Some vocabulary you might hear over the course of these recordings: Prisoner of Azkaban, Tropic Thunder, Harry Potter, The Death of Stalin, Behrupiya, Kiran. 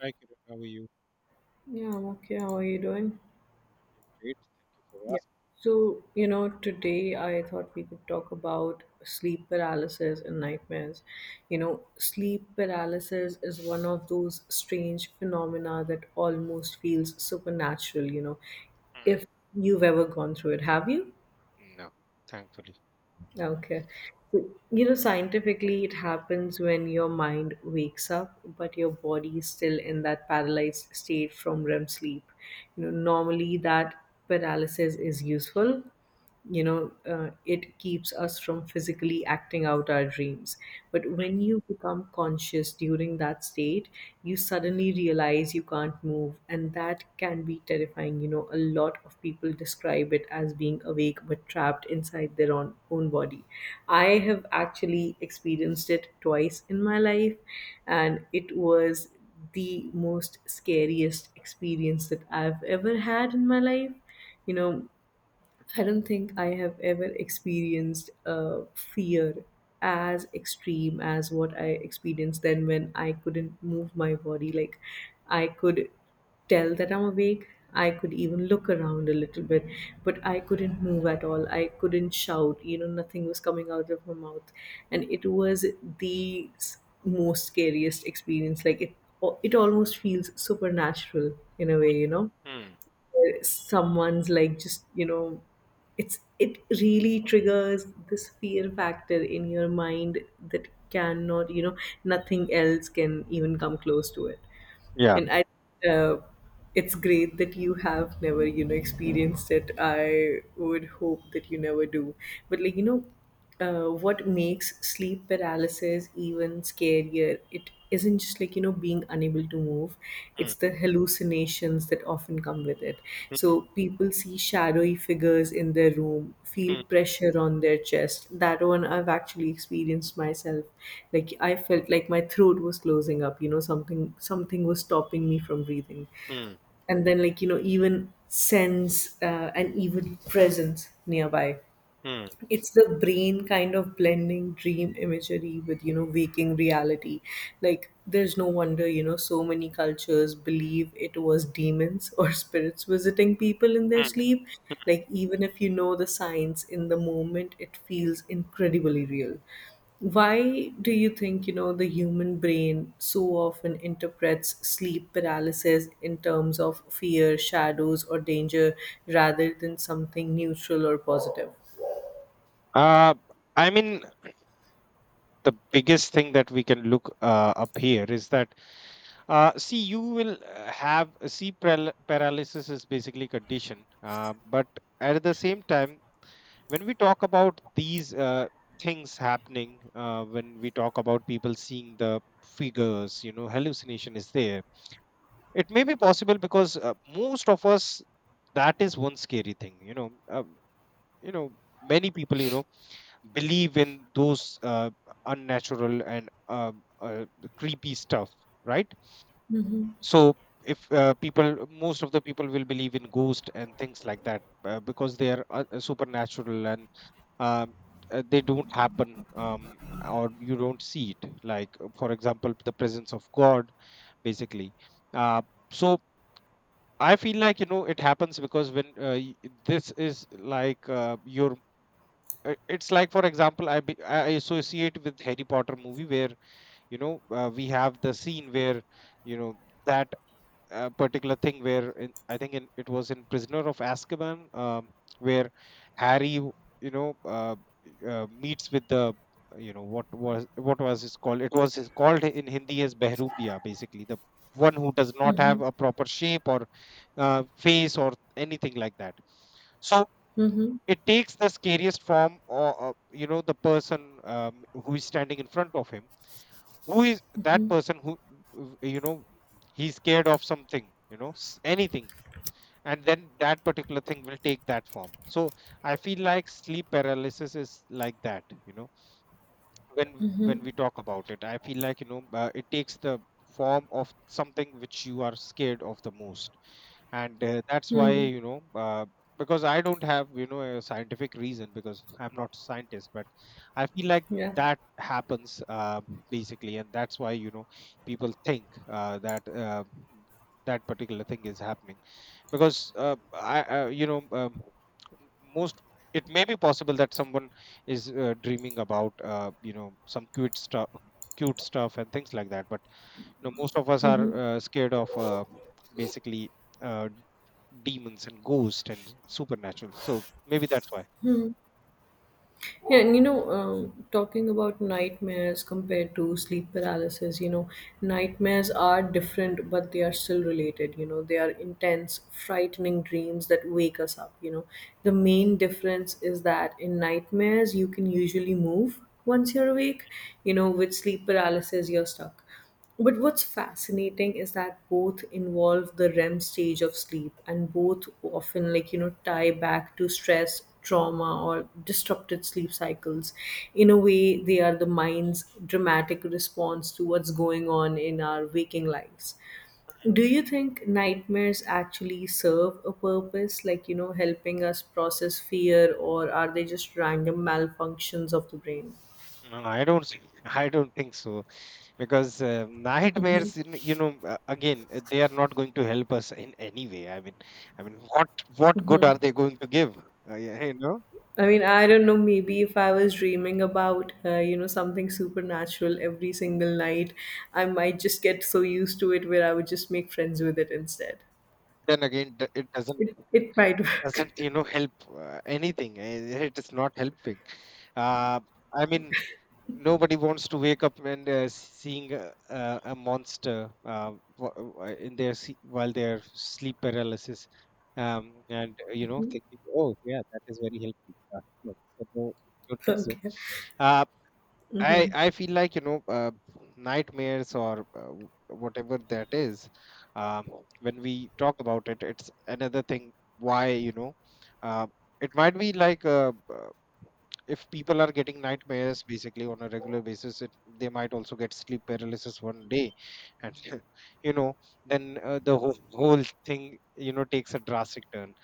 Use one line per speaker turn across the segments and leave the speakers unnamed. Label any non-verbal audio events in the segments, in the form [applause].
Hi, Kiran. How are you?
Yeah, I'm okay. How are you doing?
Doing great. Thank you for
Yeah.
asking.
Today I thought we could talk about sleep paralysis and nightmares. You know, sleep paralysis is one of those strange phenomena that almost feels supernatural,
Mm.
if you've ever gone through it. Have you?
No, thankfully.
Okay. Scientifically, it happens when your mind wakes up, but your body is still in that paralyzed state from REM sleep. You know, normally that paralysis is useful, it keeps us from physically acting out our dreams. But when you become conscious during that state, you suddenly realize you can't move, and that can be terrifying. You know, a lot of people describe it as being awake but trapped inside their own body. I have actually experienced it twice in my life, and it was the most scariest experience that I've ever had in my life. You know, I don't think I have ever experienced fear as extreme as what I experienced then, when I couldn't move my body. Like, I could tell that I'm awake. I could even look around a little bit, but I couldn't move at all. I couldn't shout. You know, nothing was coming out of my mouth. And it was the s- most scariest experience. Like, it almost feels supernatural in a way, you know?
Mm.
Someone's like, just you know it's, it really triggers this fear factor in your mind that cannot, nothing else can even come close to it.
Yeah.
And I, uh, it's great that you have never, experienced it. I would hope that you never do. But like you know What makes sleep paralysis even scarier, it isn't just like, being unable to move,
Mm,
it's the hallucinations that often come with it.
mm,
So people see shadowy figures in their room, feel
mm,
pressure on their chest. That one I've actually experienced myself. Like, I felt like my throat was closing up, you know, something was stopping me from breathing.
mm,
And then like, you know, even sense an evil presence nearby.
mm,
It's the brain kind of blending dream imagery with, waking reality. Like, there's no wonder, so many cultures believe it was demons or [laughs] spirits visiting people in their
mm.
sleep. Like, even if you know the science, in the moment it feels incredibly real. Why do you think, the human brain so often interprets sleep paralysis in terms of fear, shadows, or danger, rather than something neutral or positive?
Uh, I mean, the biggest thing that we can look up here is that, see, you will have see paralysis is basically condition, but at the same time, when we talk about these things happening, when we talk about people seeing the figures, hallucination is there. It may be possible because most of us, that is one scary thing. You know, many people believe in those unnatural and uh, creepy stuff, right? So if people, most of the people will believe in ghost and things like that because they are supernatural and um, they don't happen or you don't see it. Like, for example, the presence of God, basically. Uh, so I feel like it happens because when this is like your it's like for example I, be, I associate with Harry Potter movie where we have the scene where you know that a particular thing I think it was in Prisoner of Azkaban, where Harry, w- you know, meets with the you know what was his called? It was his, called in Hindi as Behrupiya, basically the one who does not have a proper shape or face or anything like that. So it takes the scariest form, or you know, the person who is standing in front of him who is that person you know he's scared of something anything, and then that particular thing will take that form. So I feel like sleep paralysis is like that. When we talk about it, I feel like it takes the form of something which you are scared of the most, and that's why
Hmm.
you know uh, Because I don't have a scientific reason, because I'm not a scientist, but I feel like
Yeah.
that happens, basically, and that's why people think that that particular thing is happening, because I you know most it may be possible that someone is dreaming about some cute stuff and things like that, but you know most of us are scared of basically, uh, demons and ghosts and supernatural. So maybe that's why.
And talking about nightmares compared to sleep paralysis, you know, nightmares are different, but they are still related. You know, they are intense, frightening dreams that wake us up. You know, the main difference is that in nightmares, you can usually move once you're awake. You know, with sleep paralysis, you're stuck. But what's fascinating is that both involve the REM stage of sleep, and both often like, tie back to stress, trauma, or disrupted sleep cycles. In a way, they are the mind's dramatic response to what's going on in our waking lives. Do you think nightmares actually serve a purpose, like, helping us process fear, or are they just random malfunctions of the brain?
No, I don't. I don't think so, because nightmares, you know, again, they are not going to help us in any way. I mean, what good are they going to give? Yeah, you know.
I mean, I don't know, maybe if I was dreaming about, you know, something supernatural every single night, I might just get so used to it, where I would just make friends with it instead.
Then again, it
It might work.
doesn't help anything, eh, it is not helping, uh, I mean, nobody wants to wake up and seeing a monster uh, in their while are sleep paralysis, and you know
[laughs]
thinking oh yeah that is very helpful, no, so no, don't think so.
Okay.
Uh, I
Hmm.
I feel like nightmares or whatever that is. Um, when we talk about it, it's another thing. Why uh, it might be like if people are getting nightmares basically on a regular basis, it, they might also get sleep paralysis one day, and [laughs] you know, then the whole thing you know takes a drastic turn.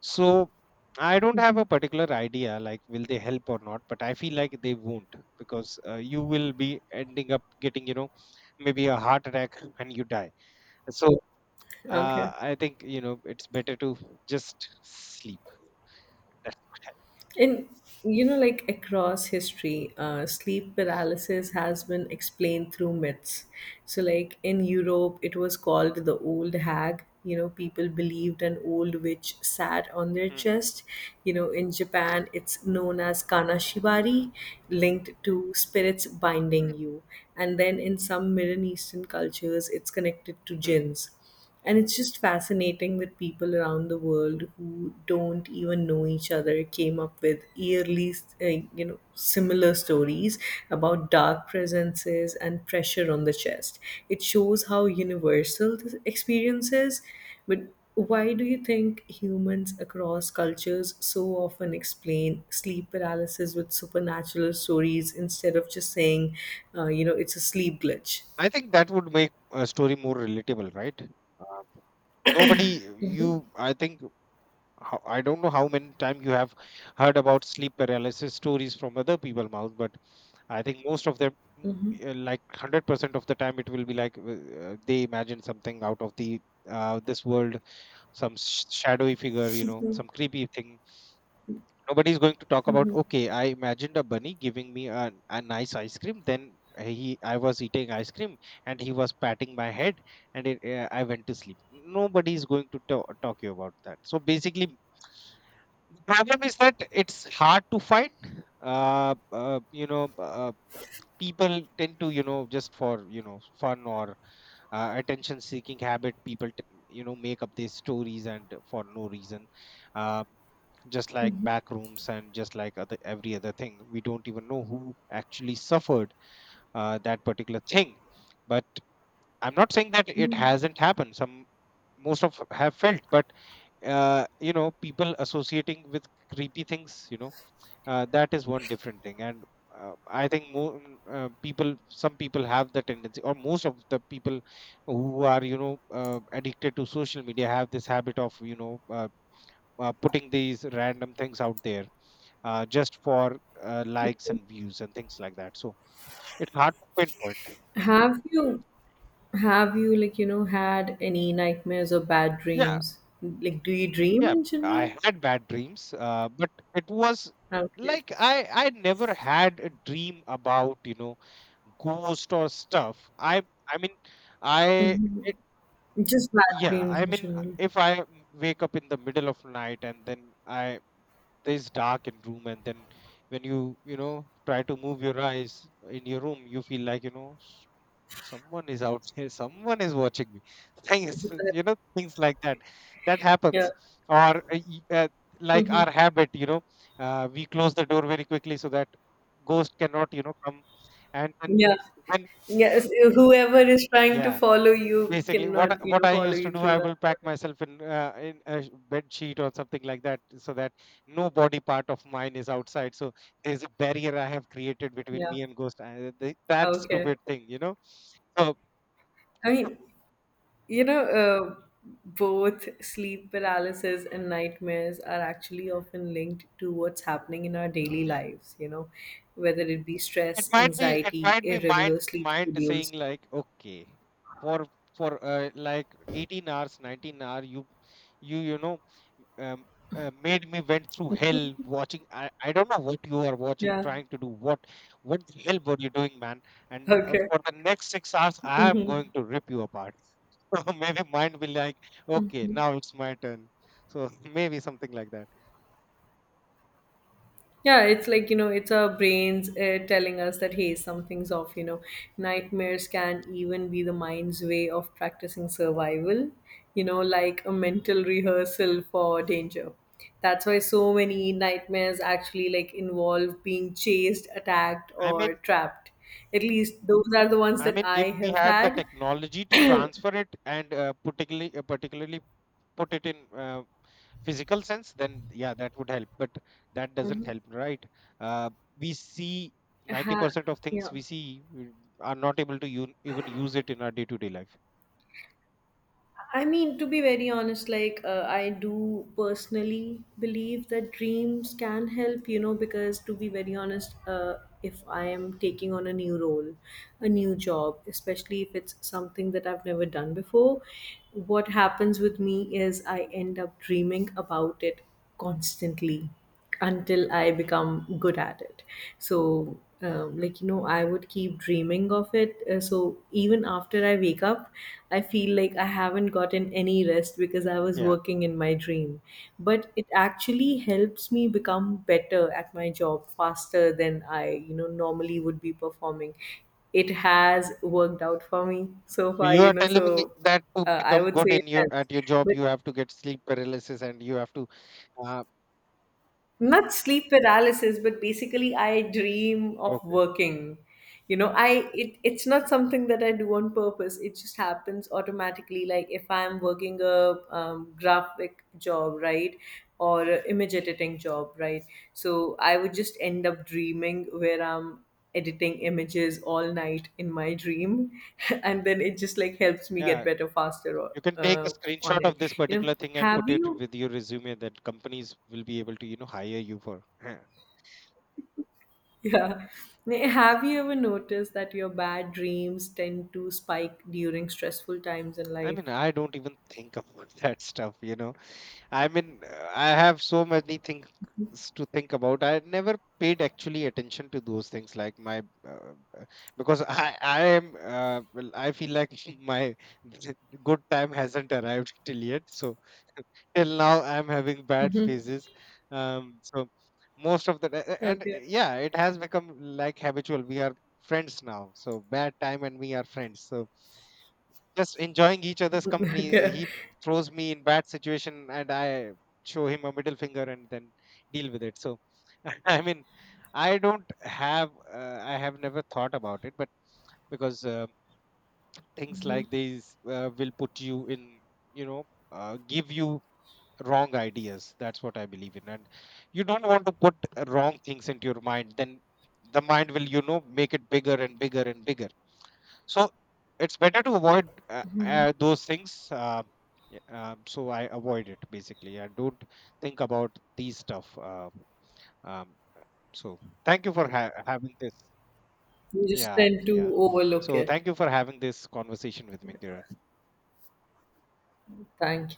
So I don't have a particular idea, like will they help or not, but I feel like they won't, because you will be ending up getting, you know, maybe a heart attack and you die. So
Okay.
I think, you know, it's better to just sleep. That's.
And like across history, sleep paralysis has been explained through myths. So, like in Europe, it was called the old hag. You know, people believed an old witch sat on their
Mm,
chest. You know, in Japan, it's known as
mm,
kanashibari, linked to spirits binding
mm,
you. And then in some Middle Eastern cultures, it's connected to
mm.
jinns. And it's just fascinating that people around the world, who don't even know each other, came up with yearly, uh, you know, similar stories about dark presences and pressure on the chest. It shows how universal this experience is. But why do you think humans across cultures so often explain sleep paralysis with supernatural stories, instead of just saying, you know, it's a sleep glitch?
I think that would make a story more relatable, right? Uh, nobody, you I think, how- I don't know how many time you have heard about sleep paralysis stories from other people mouth, but I think most of them, mm,
Mhm.
like 100% of the time, it will be like they imagine something out of the this world, some shadowy figure, you know, some creepy thing. Nobody's going to talk about, okay, I imagined a bunny giving me a nice ice cream. Then he, I was eating ice cream and he was patting my head and it, I went to sleep. Nobody is going to talk you about that. So basically, the problem is that it's hard to find. Uh, uh, you know, uh, people tend to just for fun or attention seeking habit, people you know make up these stories and for no reason, uh, just like back rooms and just like other every other thing. We don't even know who actually suffered that particular thing, but I'm not saying that it hasn't happened. Some most of have felt, but you know people associating with creepy things, you know, that is one different thing. And uh, I think more people, some people have the tendency, or most of the people who are addicted to social media have this habit of putting these random things out there, just for likes and views and things like that, so it's hard to pinpoint.
Have you Have you, like, had any nightmares or bad
Yeah.
dreams? Like, do you dream
Yeah,
in
I
general?
had bad dreams, but it was
Okay.
like I never had a dream about ghost or stuff. I mean, I
Hmm.
it.
Just bad
Yeah,
dreams
I
in
mean
general.
if I wake up in the middle of night and then I, there's dark in room, and then when you know try to move your eyes in your room, you feel like you know someone is out [laughs] here, someone is watching me [laughs] things, you know,
[laughs]
things like that. That
Yeah.
happens. Or uh, y- uh, like
Hmm.
our habit, you know, we close the door very quickly, so that ghost cannot come. And then
Yeah.
when,
Yes. Whoever is trying to
yeah.
follow you
Basically,
cannot, you
what
know,
I
follow
used to
you
do,
through
I
that.
will pack myself in a bed sheet or something like that, so that no body part of mine is outside. So there's a barrier I have created between
Yeah.
me and ghost. I, the, that
Okay.
stupid thing, you know. So,
I
so
mean, You know, uh, both sleep paralysis and nightmares are actually often linked to what's happening in our daily
yeah,
lives, you know, whether it be stress,
it might be, it
anxiety,
might be mind
irregular sleep
mind saying
schedules.
like, okay, for like 18 hours, 19 hour, you know um, made me went through hell watching, I don't know what you are watching
Yeah. [laughs]
trying to do what the hell were you doing, man, and
Okay.
for the next 6 hours I am going to rip you apart. [laughs] So maybe mine will like, okay, now it's my turn. So [laughs] maybe something like that.
Yeah, it's like, you know, it's our brains telling us that, hey, something's off, you know. Nightmares can even be the mind's way of practicing survival, you know, like a mental rehearsal for danger. That's why so many nightmares actually like involve being chased, attacked,
i
or
mean
trapped. At least those are the ones
i
that
mean if
I
we
have
had the
had.
technology to transfer it and particularly put it in physical sense, then yeah, that would help, but that doesn't
Mhm.
help, right? uh, we see
Ha-
90% of things
yeah.
we see, we are not able to even use it in our day-to-day life.
I mean, to be very honest, like I do personally believe that dreams can help, you know, because to be very honest, if I am taking on a new role, a new job, especially if it's something that I've never done before, what happens with me is I end up dreaming about it constantly until I
Mm.
become good at it. So, like, you know, I would keep dreaming of it. So, even after I wake up, I feel like I haven't gotten any rest because I was
Yeah,
working in my dream. But it actually helps me become better at my job faster than I, you know, normally would be performing. It has worked out for me so
so
far,
you are
you know,
telling me
so
that to
I
become
would
good
say
in
it
your
helps.
at your job,
But
you have to get sleep paralysis and you have to, uh,
not sleep paralysis, but basically I dream of
okay.
working. You know, I, it, it's not something that I do on purpose, it just happens automatically. Like, if I'm working a graphic job, right, or a
Mm.
image editing job, right, so I would just end up dreaming where I'm editing images all night in my dream [laughs] and then it just like helps me get
Yeah,
better faster, or,
you can take a
uh, on
screenshot
it.
of this
You know
particular thing and
have
put it
you
with your resume, that companies will be able to you know hire you for. [laughs]
[laughs] Yeah. Nay, have you ever noticed that your bad dreams tend to spike during stressful times in
I
life?
mean, I don't even think about [laughs] that stuff, you know. I mean, I have so many things to think about. I never paid actually attention to those things, like my, uh, uh, because I am, well, I feel like [laughs] my [laughs] good time hasn't arrived [laughs] till yet. So till now, I'm having bad phases. So most of the and
Okay.
yeah, it has become like habitual. We are friends now, so bad time and we are friends. So just enjoying each other's
[laughs]
company.
Okay.
He throws me in bad situation, and I show him a middle finger, and then deal with it. So [laughs] I mean, I don't have, I have never thought about it, but because things like these will put you in, you know, give you wrong ideas. That's what I believe in, and you don't want to put wrong things into your mind. Then the mind will, you know, make it bigger and bigger and bigger. So it's better to avoid those things, yeah, so I avoid it basically, I don't think about these stuff, um, so thank you for having this.
You just
Yeah,
tend
yeah,
to overlook
so
it.
thank you for having this conversation with me, Kiran.
Thank